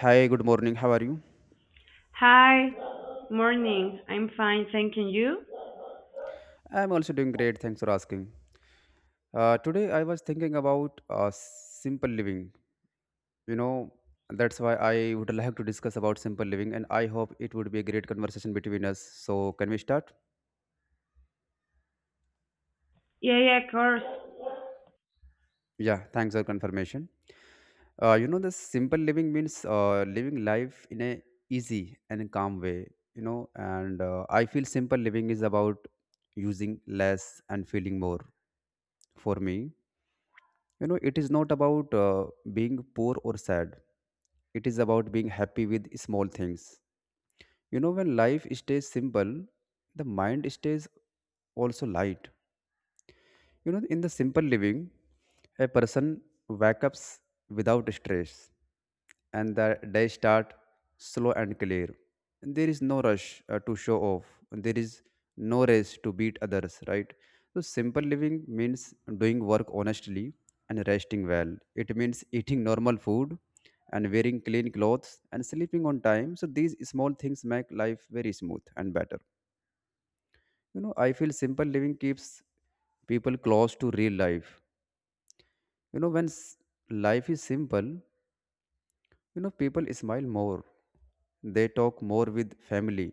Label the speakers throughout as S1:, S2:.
S1: Hi, good morning. How are you?
S2: Hi, morning. I'm fine, thank you.
S1: I'm also doing great. Thanks for asking. Today, I was thinking about simple living. You know, that's why I would like to discuss about simple living, and I hope it would be a great conversation between us. So, can we start?
S2: Yeah, yeah, of course.
S1: Yeah, thanks for confirmation. The simple living means living life in a easy and calm way. You know, and I feel simple living is about using less and feeling more for me. It is not about being poor or sad. It is about being happy with small things. When life stays simple, the mind stays also light. In the simple living, a person wakes up without stress, and the day start slow and clear. There is no rush to show off. There is no race to beat others, right? So simple living means doing work honestly and resting well. It means eating normal food and wearing clean clothes and sleeping on time. So these small things make life very smooth and better. I feel simple living keeps people close to real life. When life is simple, people smile more. They talk more with family.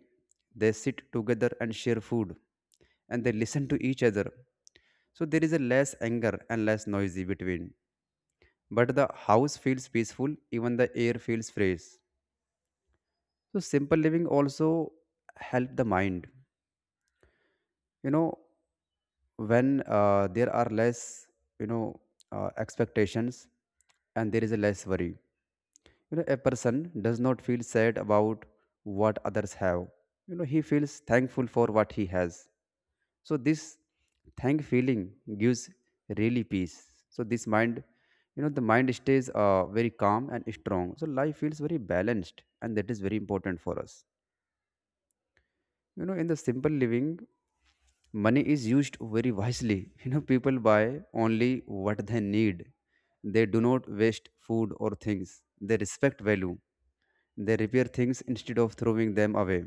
S1: They sit together and share food. And they listen to each other. So there is a less anger and less noisy between. But the house feels peaceful, even the air feels fresh. So simple living also help the mind. You know, when there are less you know expectations, and there is a less worry. A person does not feel sad about what others have. He feels thankful for what he has. So this thank feeling gives really peace. So this mind, the mind stays very calm and strong. So life feels very balanced, and that is very important for us. In the simple living, money is used very wisely. People buy only what they need. They do not waste food or things. They respect value. They repair things instead of throwing them away.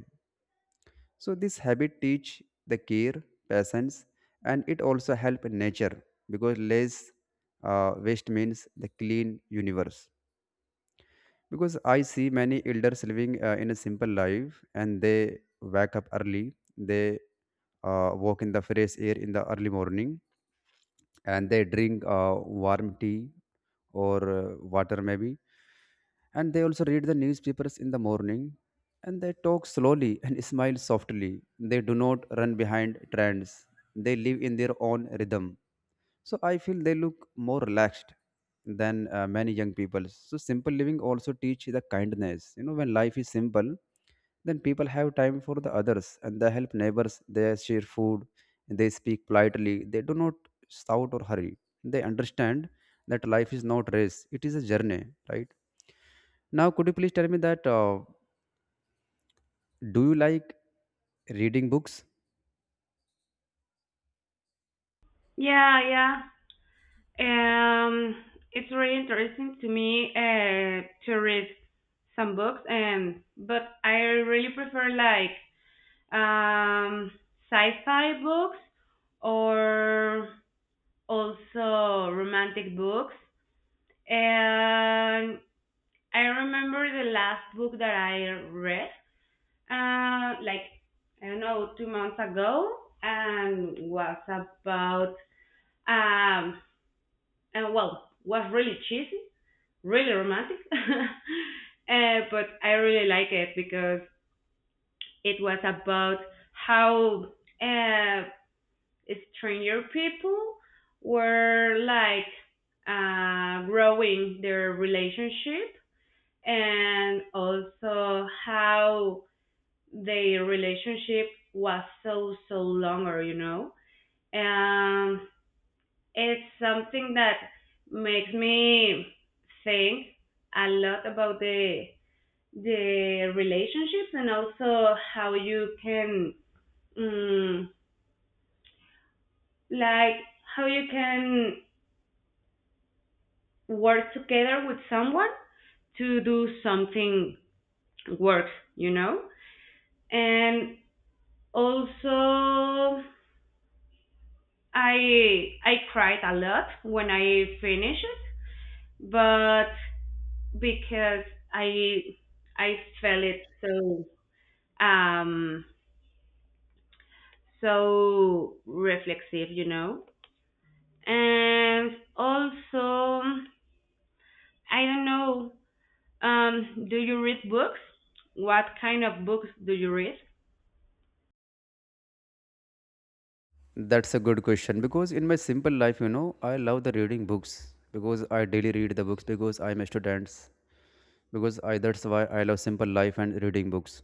S1: So this habit teach the care, patience, and it also help nature because less waste means the clean universe. Because I see many elders living in a simple life, and they wake up early. They walk in the fresh air in the early morning, and they drink warm tea, or water maybe. And they also read the newspapers in the morning, and they talk slowly and smile softly. They do not run behind trends. They live in their own rhythm. So I feel they look more relaxed than many young people. So simple living also teach the kindness. You know, when life is simple, then people have time for the others, and they help neighbors. They share food. They speak politely. They do not shout or hurry. They understand that life is not race. It is a journey, right? Now, could you please tell me that do you like reading books?
S2: Yeah, yeah. It's really interesting to me to read some books, and but I really prefer like um, sci-fi books or also romantic books. And I remember the last book that I read. Like, I don't know, 2 months ago, and was about um, and well, was really cheesy, really romantic, but I really like it because it was about how uh, stranger people were like growing their relationship, and also how their relationship was so so longer, you know. And it's something that makes me think a lot about the relationships, and also how you can mm, like, how you can work together with someone to do something work, you know. And also, I cried a lot when I finished it, but because I I felt it so um so reflexive, you know. And also, I don't know. Do you read books? What kind of books do you read?
S1: That's a good question, because in my simple life, I love the reading books because I daily read the books because I'm a student because I that's why I love simple life and reading books.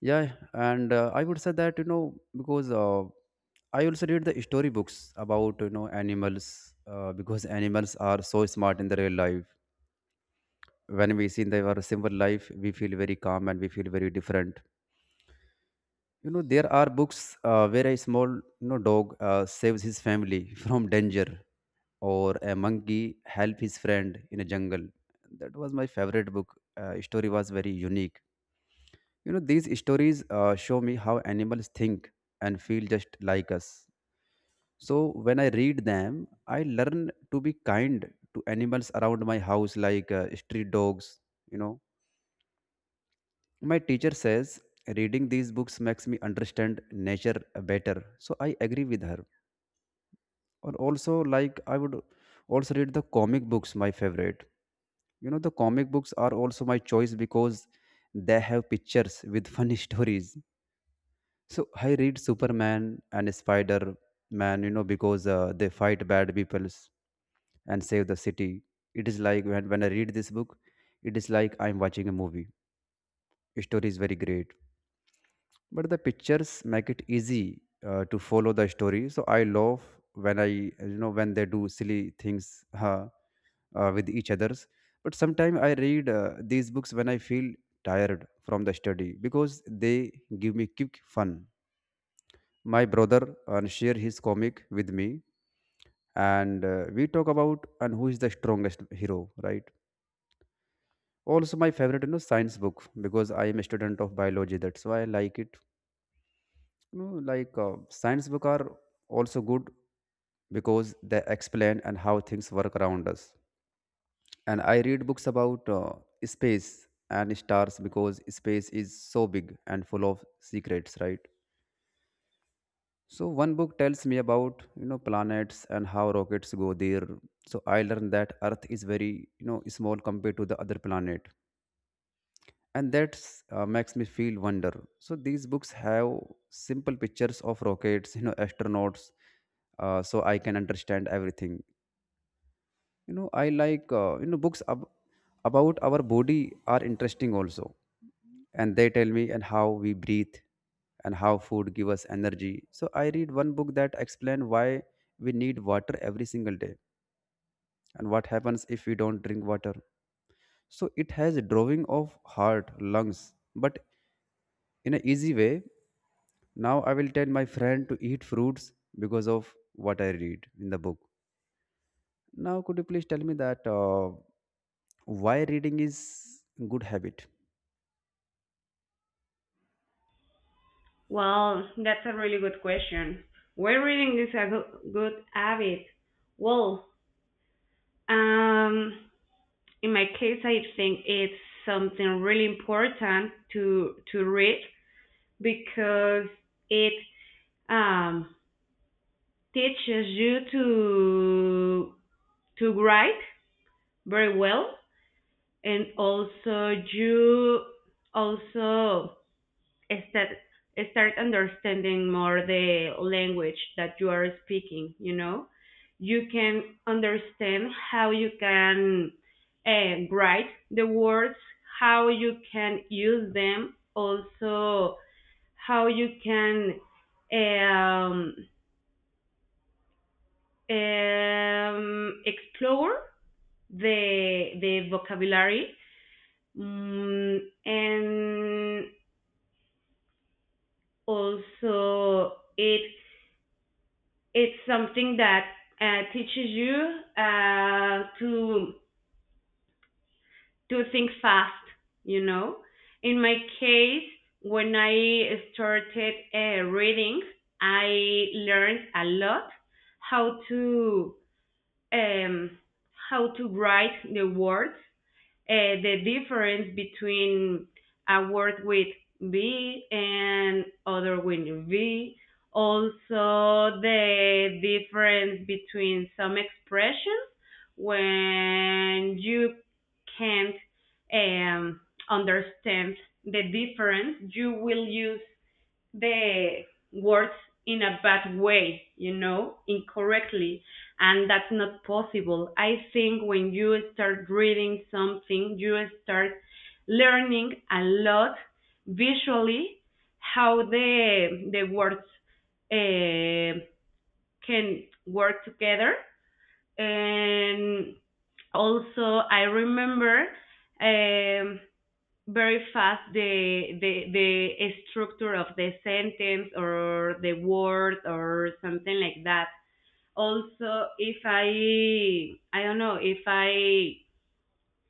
S1: Yeah, and I would say that because I also read the story books about animals, because animals are so smart in the real life. When we see their simple life, we feel very calm, and we feel very different. There are books where a small dog saves his family from danger, or a monkey help his friend in a jungle. That was my favorite book. Story was very unique. These stories show me how animals think and feel just like us. So when I read them, I learn to be kind to animals around my house, like street dogs. you know my teacher says reading these books makes me understand nature better, so I agree with her. Or also, like, I would also read the comic books, my favorite. You know, the comic books are also my choice because they have pictures with funny stories. So I read Superman and Spider Man, you know, because they fight bad peoples and save the city. It is like when I read this book, it is like I'm watching a movie. The story is very great, but the pictures make it easy to follow the story. So I love when when they do silly things. Huh? With each others. But sometimes I read these books when I feel tired from the study because they give me quick fun. My brother and share his comic with me, and we talk about and who is the strongest hero, right? Also, my favorite, science book, because I am a student of biology, that's why I like it. You know, like science book are also good because they explain and how things work around us. And I read books about space and stars because space is so big and full of secrets, right? So one book tells me about planets and how rockets go there. So I learned that earth is very, small compared to the other planet, and that makes me feel wonder. So these books have simple pictures of rockets, astronauts, so I can understand everything. I like, about our body are interesting also. And they tell me and how we breathe and how food give us energy. So I read one book that explain why we need water every single day and what happens if we don't drink water. So it has a drawing of heart, lungs, but in an easy way. Now I will tell my friend to eat fruits because of what I read in the book. Now could you please tell me that why reading is good habit?
S2: Well, that's a really good question. Why reading is a good habit? Well, um, in my case, I think it's something really important to read because it um, teaches you to write very well, and also you also start start understanding more the language that you are speaking, you know. You can understand how you can write the words, how you can use them, also how you can um, explore the vocabulary. mm, and also, it, it's something that teaches you to do things fast, you know. In my case, when I started reading, I learned a lot how to um, how to write the words, the difference between a word with B and other with V. Also, the difference between some expressions when you can't um, understand the difference, you will use the words in a bad way, you know, incorrectly, and that's not possible. I think when you start reading something, you start learning a lot visually how the words uh, can work together. And also, I remember um, very fast the structure of the sentence or the word or something like that. Also, if I, I don't know, if I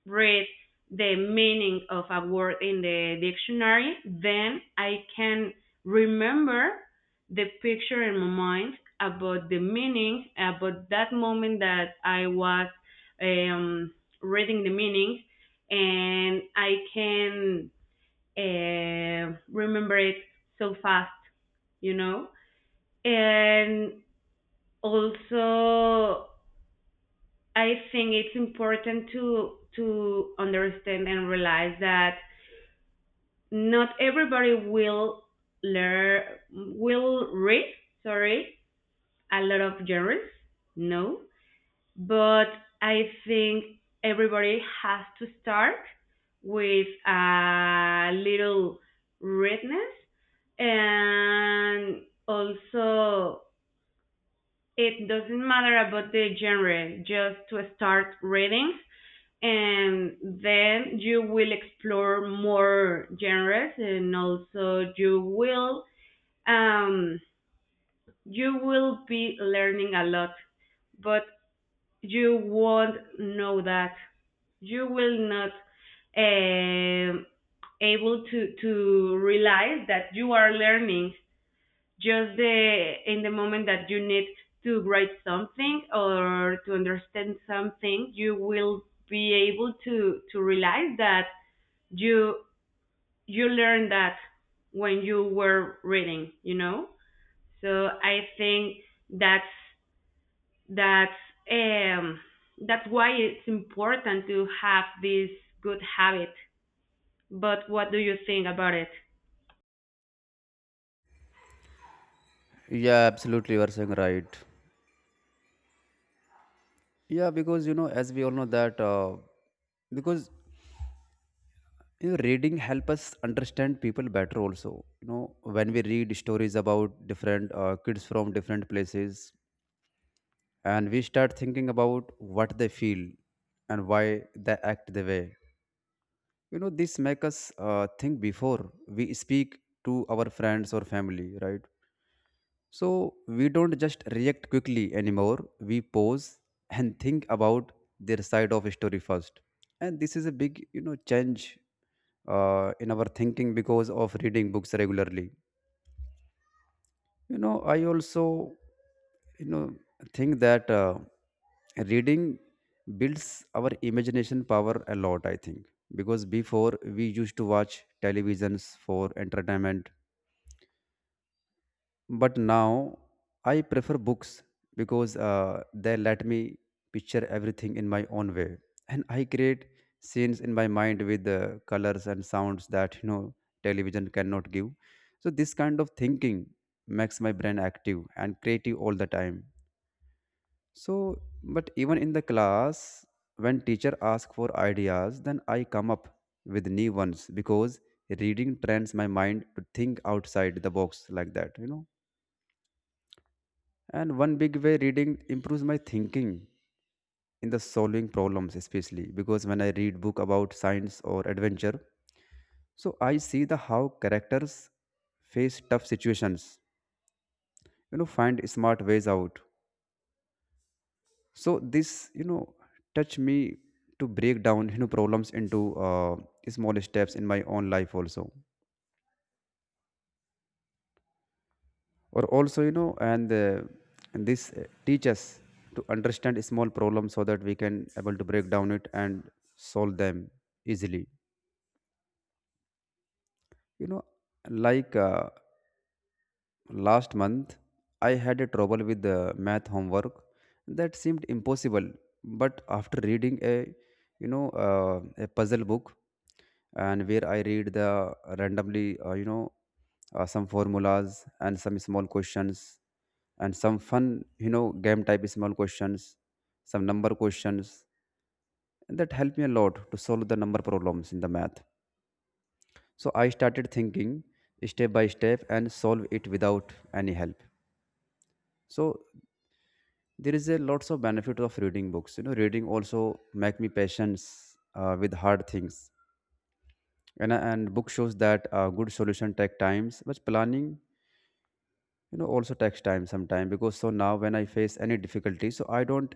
S2: read the meaning of a word in the dictionary, then I can remember the picture in my mind about the meaning, about that moment that I was um, reading the meaning, and I can remember it so fast, you know? And also, I think it's important to understand and realize that not everybody will learn will read, sorry, a lot of genres, no, but I think everybody has to start with a little redness, and also it doesn't matter about the genre, just to start reading, and then you will explore more genres, and also um, you will be learning a lot, but you won't know that. You will not um able to realize that you are learning just the in the moment that you need to write something or to understand something. You will be able to realize that you you learned that when you were reading. You know. So I think that's that's um, that's why it's important to have this good habit. But what do you think about it?
S1: Yeah, absolutely. You are saying right. Yeah, because you know, as we all know that because reading help us understand people better also. You know, when we read stories about different kids from different places, and we start thinking about what they feel and why they act the way. This make us think before we speak to our friends or family, right? So we don't just react quickly anymore. We pause and think about their side of story first. And this is a big, you know, change in our thinking because of reading books regularly. I also, you know, think that reading builds our imagination power a lot. I think because before we used to watch televisions for entertainment. But now I prefer books because they let me picture everything in my own way, and I create scenes in my mind with the colors and sounds that television cannot give. So this kind of thinking makes my brain active and creative all the time. So, but even in the class, when teacher ask for ideas, then I come up with new ones because reading trains my mind to think outside the box like that. And one big way reading improves my thinking in the solving problems, especially because when I read book about science or adventure, so I see the how characters face tough situations, find smart ways out. So this, touch me to break down, problems into small steps in my own life also. Or also and this teach us to understand small problems so that we can able to break down it and solve them easily. you know like last month, I had a trouble with the math homework that seemed impossible. But after reading a, a puzzle book, and where I read the randomly, some formulas and some small questions, and some fun, game type small questions, some number questions, and that helped me a lot to solve the number problems in the math. So I started thinking step by step and solve it without any help. So there is a lots of benefit of reading books, you know, reading also make me patience with hard things, and book shows that good solution take times, but planning, you know, also takes time sometime because. So now when I face any difficulty, so I don't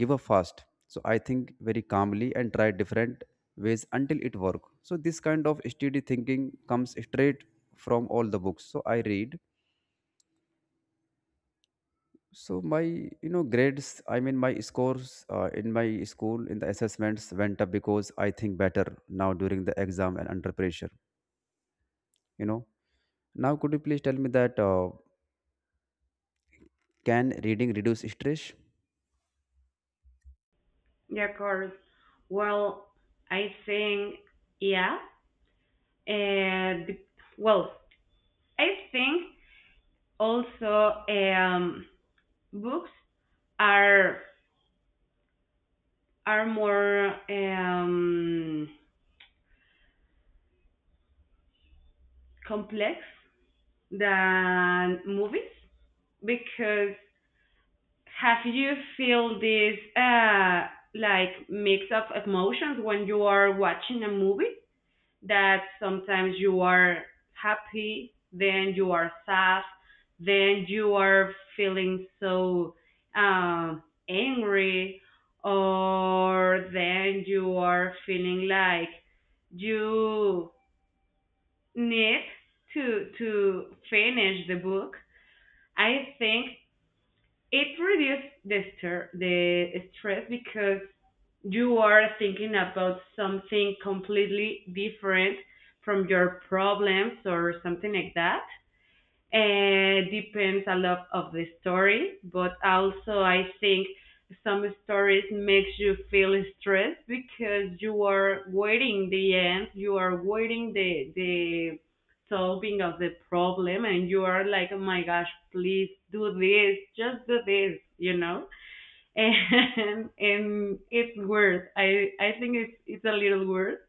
S1: give up fast, so I think very calmly and try different ways until it work. So this kind of steady thinking comes straight from all the books so I read. So my, you know, grades, I mean my scores in my school in the assessments went up because I think better now during the exam and under pressure. You know. Now could you please tell me that can reading reduce stress?
S2: Yeah, Corey. Well, I think, yeah, and well, I think also, books are are more complex than movies because, have you feel this, like, mix of emotions when you are watching a movie? That sometimes you are happy, then you are sad, then you are feeling so uh, angry, or then you are feeling like you need to finish the book. I think it reduces the, the stress because you are thinking about something completely different from your problems or something like that. Depends a lot of the story, but also I think some stories makes you feel stressed because you are waiting the end, you are waiting the solving of the problem, and you are like, oh my gosh, please do this, just do this, you know. And it's weird. I think it's a little weird,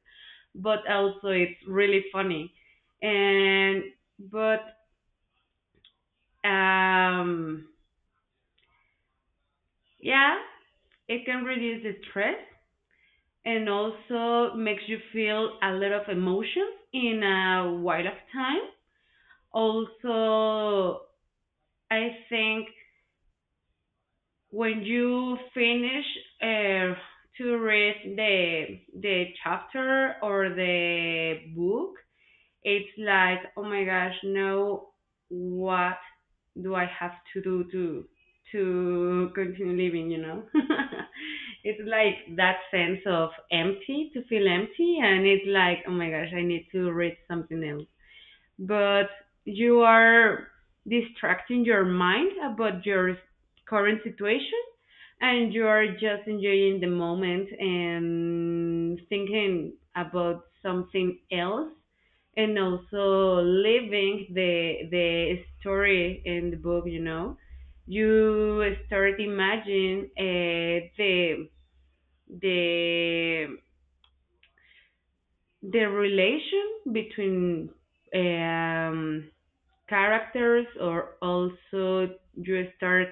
S2: but also it's really funny. And but um, yeah, it can reduce the stress, and also makes you feel a lot of emotions in a while of time. Also, I think when you finish uh, to read the chapter or the book, it's like, oh my gosh, no! What do I have to do to continue living, you know? It's like that sense of empty, to feel empty, and it's like, oh my gosh, I need to read something else, but you are distracting your mind about your current situation, and you are just enjoying the moment and thinking about something else, and also living the story in the book, you know. You start imagining the the the relation between um, characters, or also you start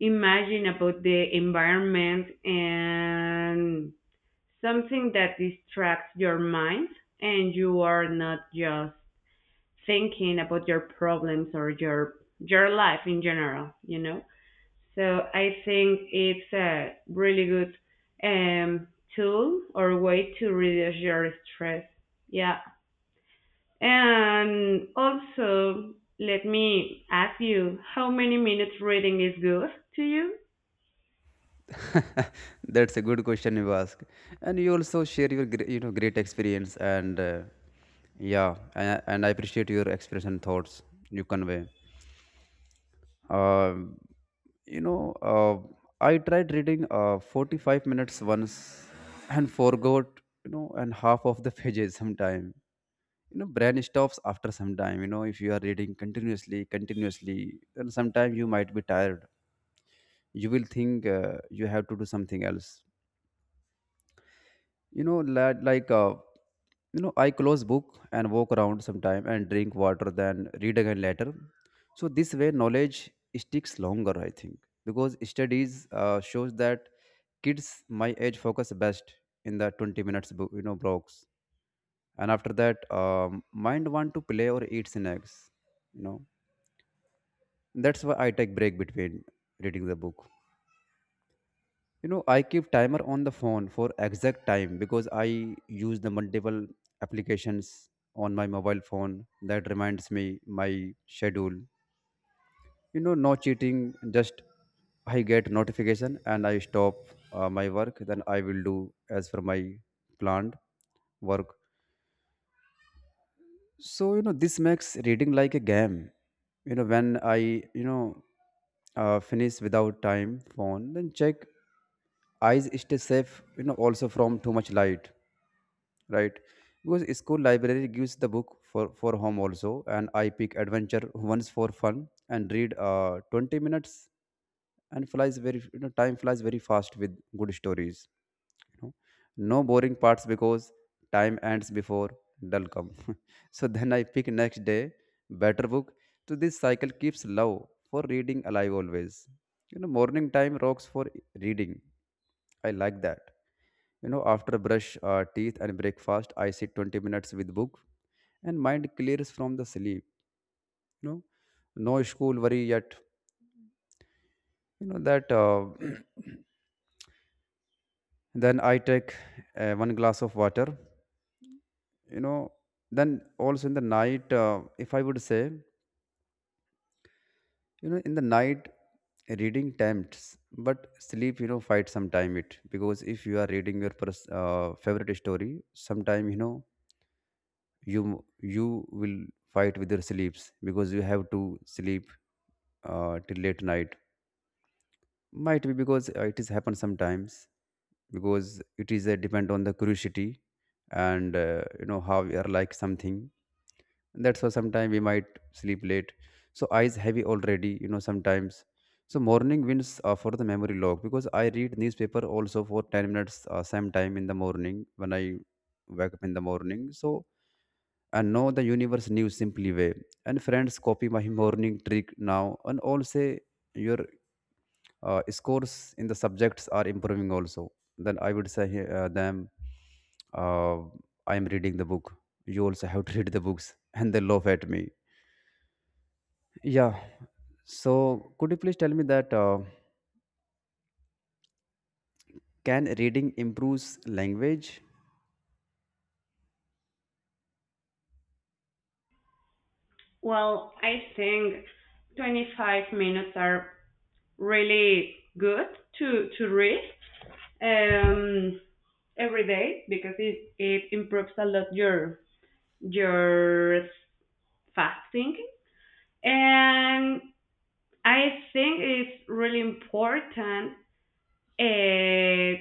S2: imagine about the environment and something that distracts your mind, and you are not just thinking about your problems or your life in general, you know. So I think it's a really good um tool or way to reduce your stress. Yeah. And also, let me ask you, how many minutes reading is good to you?
S1: That's a good question you ask, and you also share your great experience and yeah, and I appreciate your experience and thoughts you convey. Um You know, I tried reading 45 minutes once and forgot, you know, and half of the pages sometime. You know, brain stops after some time. You know, if you are reading continuously, then sometime you might be tired. You will think you have to do something else. You know lad, like, you know, I close book and walk around sometime and drink water, then read again later. So this way knowledge sticks longer, I think, because studies shows that kids my age focus best in the 20 minutes blocks, and after that, mind want to play or eat snacks, you know. That's why I take break between reading the book. You know, I keep timer on the phone for exact time because I use the multiple applications on my mobile phone that reminds me my schedule. You know, no cheating, just I get notification and I stop my work, then I will do as for my planned work. So, you know, this makes reading like a game. You know, when I, finish without time phone then check, eyes stay safe, you know, also from too much light, right? Because school library gives the book for home also, and I pick adventure once for fun and read 20 minutes, and flies very, you know, time flies very fast with good stories, you know. No boring parts because time ends before dull come. So then I pick next day better book. So this cycle keeps love for reading alive always. You know, morning time rocks for reading. I like that. You know, after brush teeth and breakfast, I sit 20 minutes with book, and mind clears from the sleep, you know. No school worry yet. You know that then I take one glass of water, you know. Then also in the night, if I would say, you know, in the night, reading tempts but sleep, you know, fight sometime it, because if you are reading your favorite story sometime, you know, you will fight with your sleeps because you have to sleep till late night, might be, because it is happen sometimes, because it is depend on the curiosity. And you know how we are like something, that's why sometimes we might sleep late. So eyes heavy already, you know, sometimes. So morning wins for the memory log, because I read newspaper also for 10 minutes same time in the morning when I wake up in the morning. So I know the universe news simply way, and friends copy my morning trick now and all say your scores in the subjects are improving also. Then I would say them, uh, I am reading the book, you also have to read the books, and they laugh at me. Yeah. So could you please tell me that can reading improves language?
S2: Well, I think 25 minutes are really good to read um, every day because it improves a lot your fast thinking. And I think it's really important uh,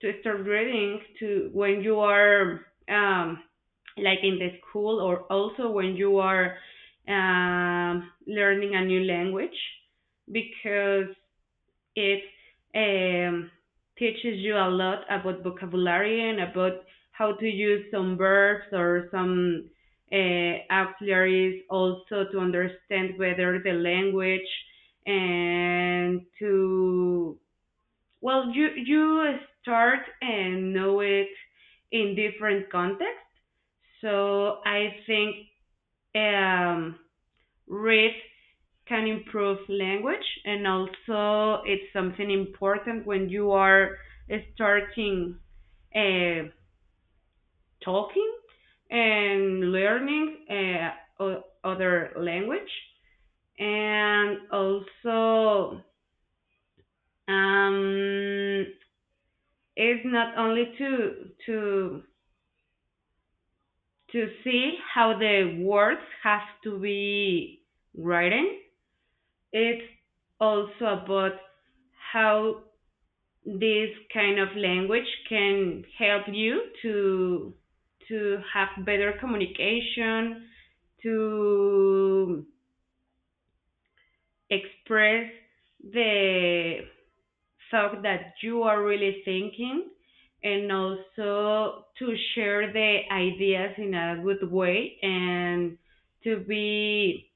S2: to start reading to when you are um, like in the school, or also when you are learning a new language because it um, teaches you a lot about vocabulary, and about how to use some verbs or some auxiliaries also, to understand better the language and to, well, you start and know it in different contexts. So I think um, read can improve language, and also it's something important when you are starting uh, talking and learning other language, and also, um, it's not only to to see how the words have to be written. It's also about how this kind of language can help you to have better communication, to express the thought that you are really thinking, and also to share the ideas in a good way, and to be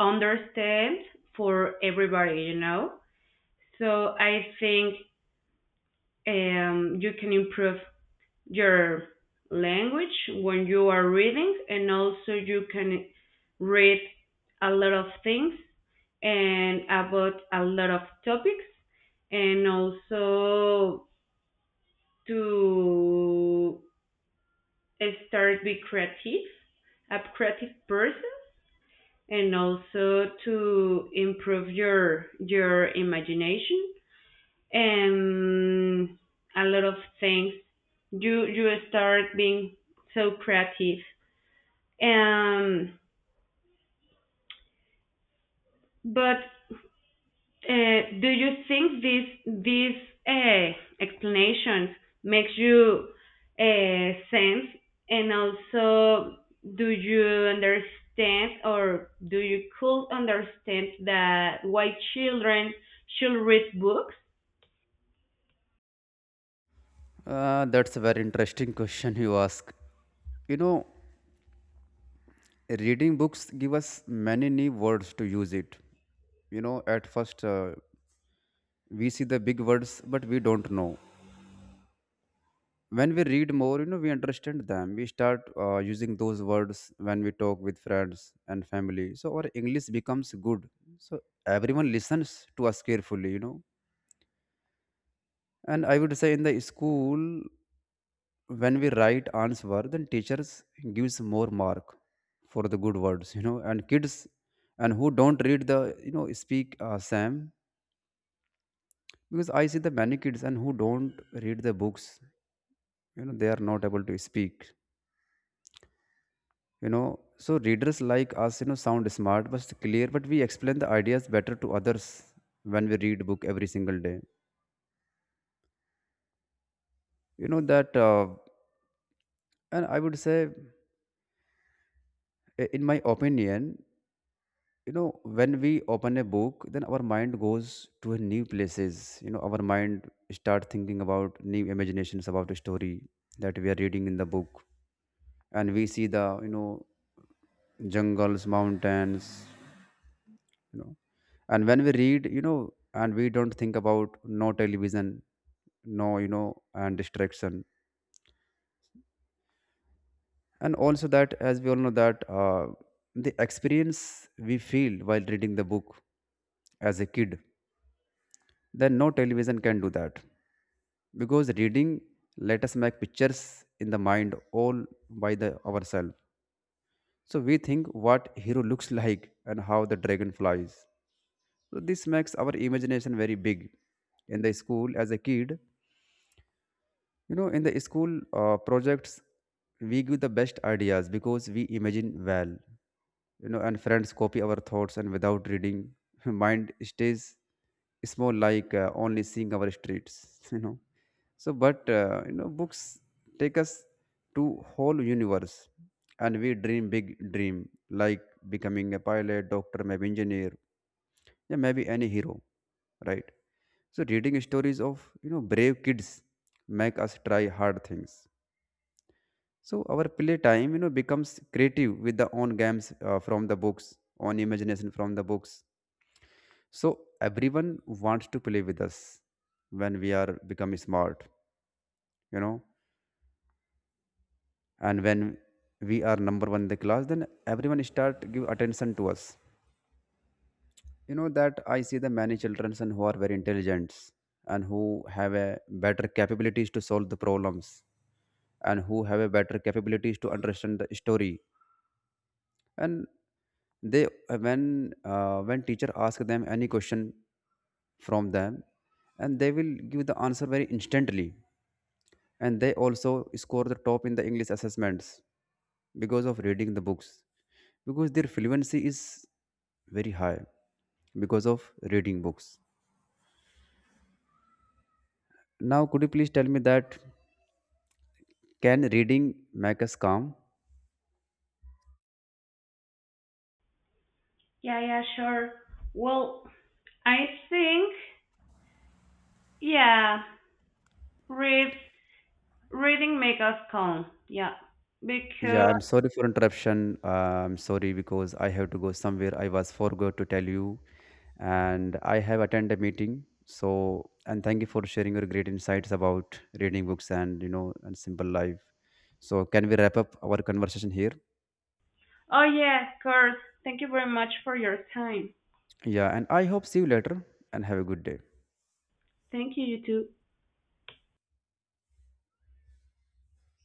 S2: understand for everybody, you know? So I think you can improve your language when you are reading, and also you can read a lot of things and about a lot of topics, and also to start be creative, a creative person, and also to improve your imagination, um, a lot of things. You start being so creative. Um, but do you think this, this uh, explanation makes you, sense? And also, do you understand, or do you could understand, that why children should read books?
S1: That's a very interesting question you ask. You know, reading books give us many new words to use it. You know, at first, we see the big words but we don't know. When we read more, you know, we understand them, we start using those words when we talk with friends and family, so our English becomes good. So everyone listens to us carefully, you know. And I would say, in the school, when we write answer, then teachers gives more mark for the good words, you know. And kids and who don't read the, you know, speak same, because I see the many kids and who don't read the books, you know, they are not able to speak, you know. So readers like us, you know, sound smart but clear, but we explain the ideas better to others when we read book every single day. You know that, and I would say, in my opinion, you know, when we open a book, then our mind goes to a new places. You know, our mind start thinking about new imaginations about the story that we are reading in the book, and we see the, you know, jungles, mountains, you know. And when we read, you know, and we don't think about no television, no, you know, and distraction. And also that, as we all know that the experience we feel while reading the book as a kid, then no television can do that, because reading let us make pictures in the mind, all by the ourselves. So we think what hero looks like and how the dragon flies, so this makes our imagination very big in the school as a kid. You know, in the school projects, we give the best ideas because we imagine well. You know, and friends copy our thoughts, and without reading, mind stays small, like, only seeing our streets. You know, so but, you know, books take us to whole universe, and we dream big dream, like becoming a pilot, doctor, maybe engineer, yeah, maybe any hero, right? So reading stories of, you know, brave kids make us try hard things. So our playtime, you know, becomes creative with the own games from the books, own imagination from the books. So everyone wants to play with us when we are become smart, you know, and when we are number one in the class, then everyone start give attention to us. You know that I see the many children and who are very intelligent and who have a better capabilities to solve the problems and who have a better capabilities to understand the story, and they when teacher ask them any question from them, and they will give the answer very instantly, and they also score the top in the English assessments because of reading the books, because their fluency is very high because of reading books. Now could you please tell me that, can reading make us calm?
S2: Yeah, yeah, sure. Well, I think, yeah, Read, reading make us calm. Yeah.
S1: Yeah,
S2: Because,
S1: I'm sorry for interruption, I'm sorry because I have to go somewhere, I was forgot to tell you, and I have attended a meeting. So and thank you for sharing your great insights about reading books and, you know, and simple life. So can we wrap up our conversation here?
S2: oh yeah, of course. Thank you very much for your time.
S1: Yeah, and I hope see you later and have a good day.
S2: Thank you, you too.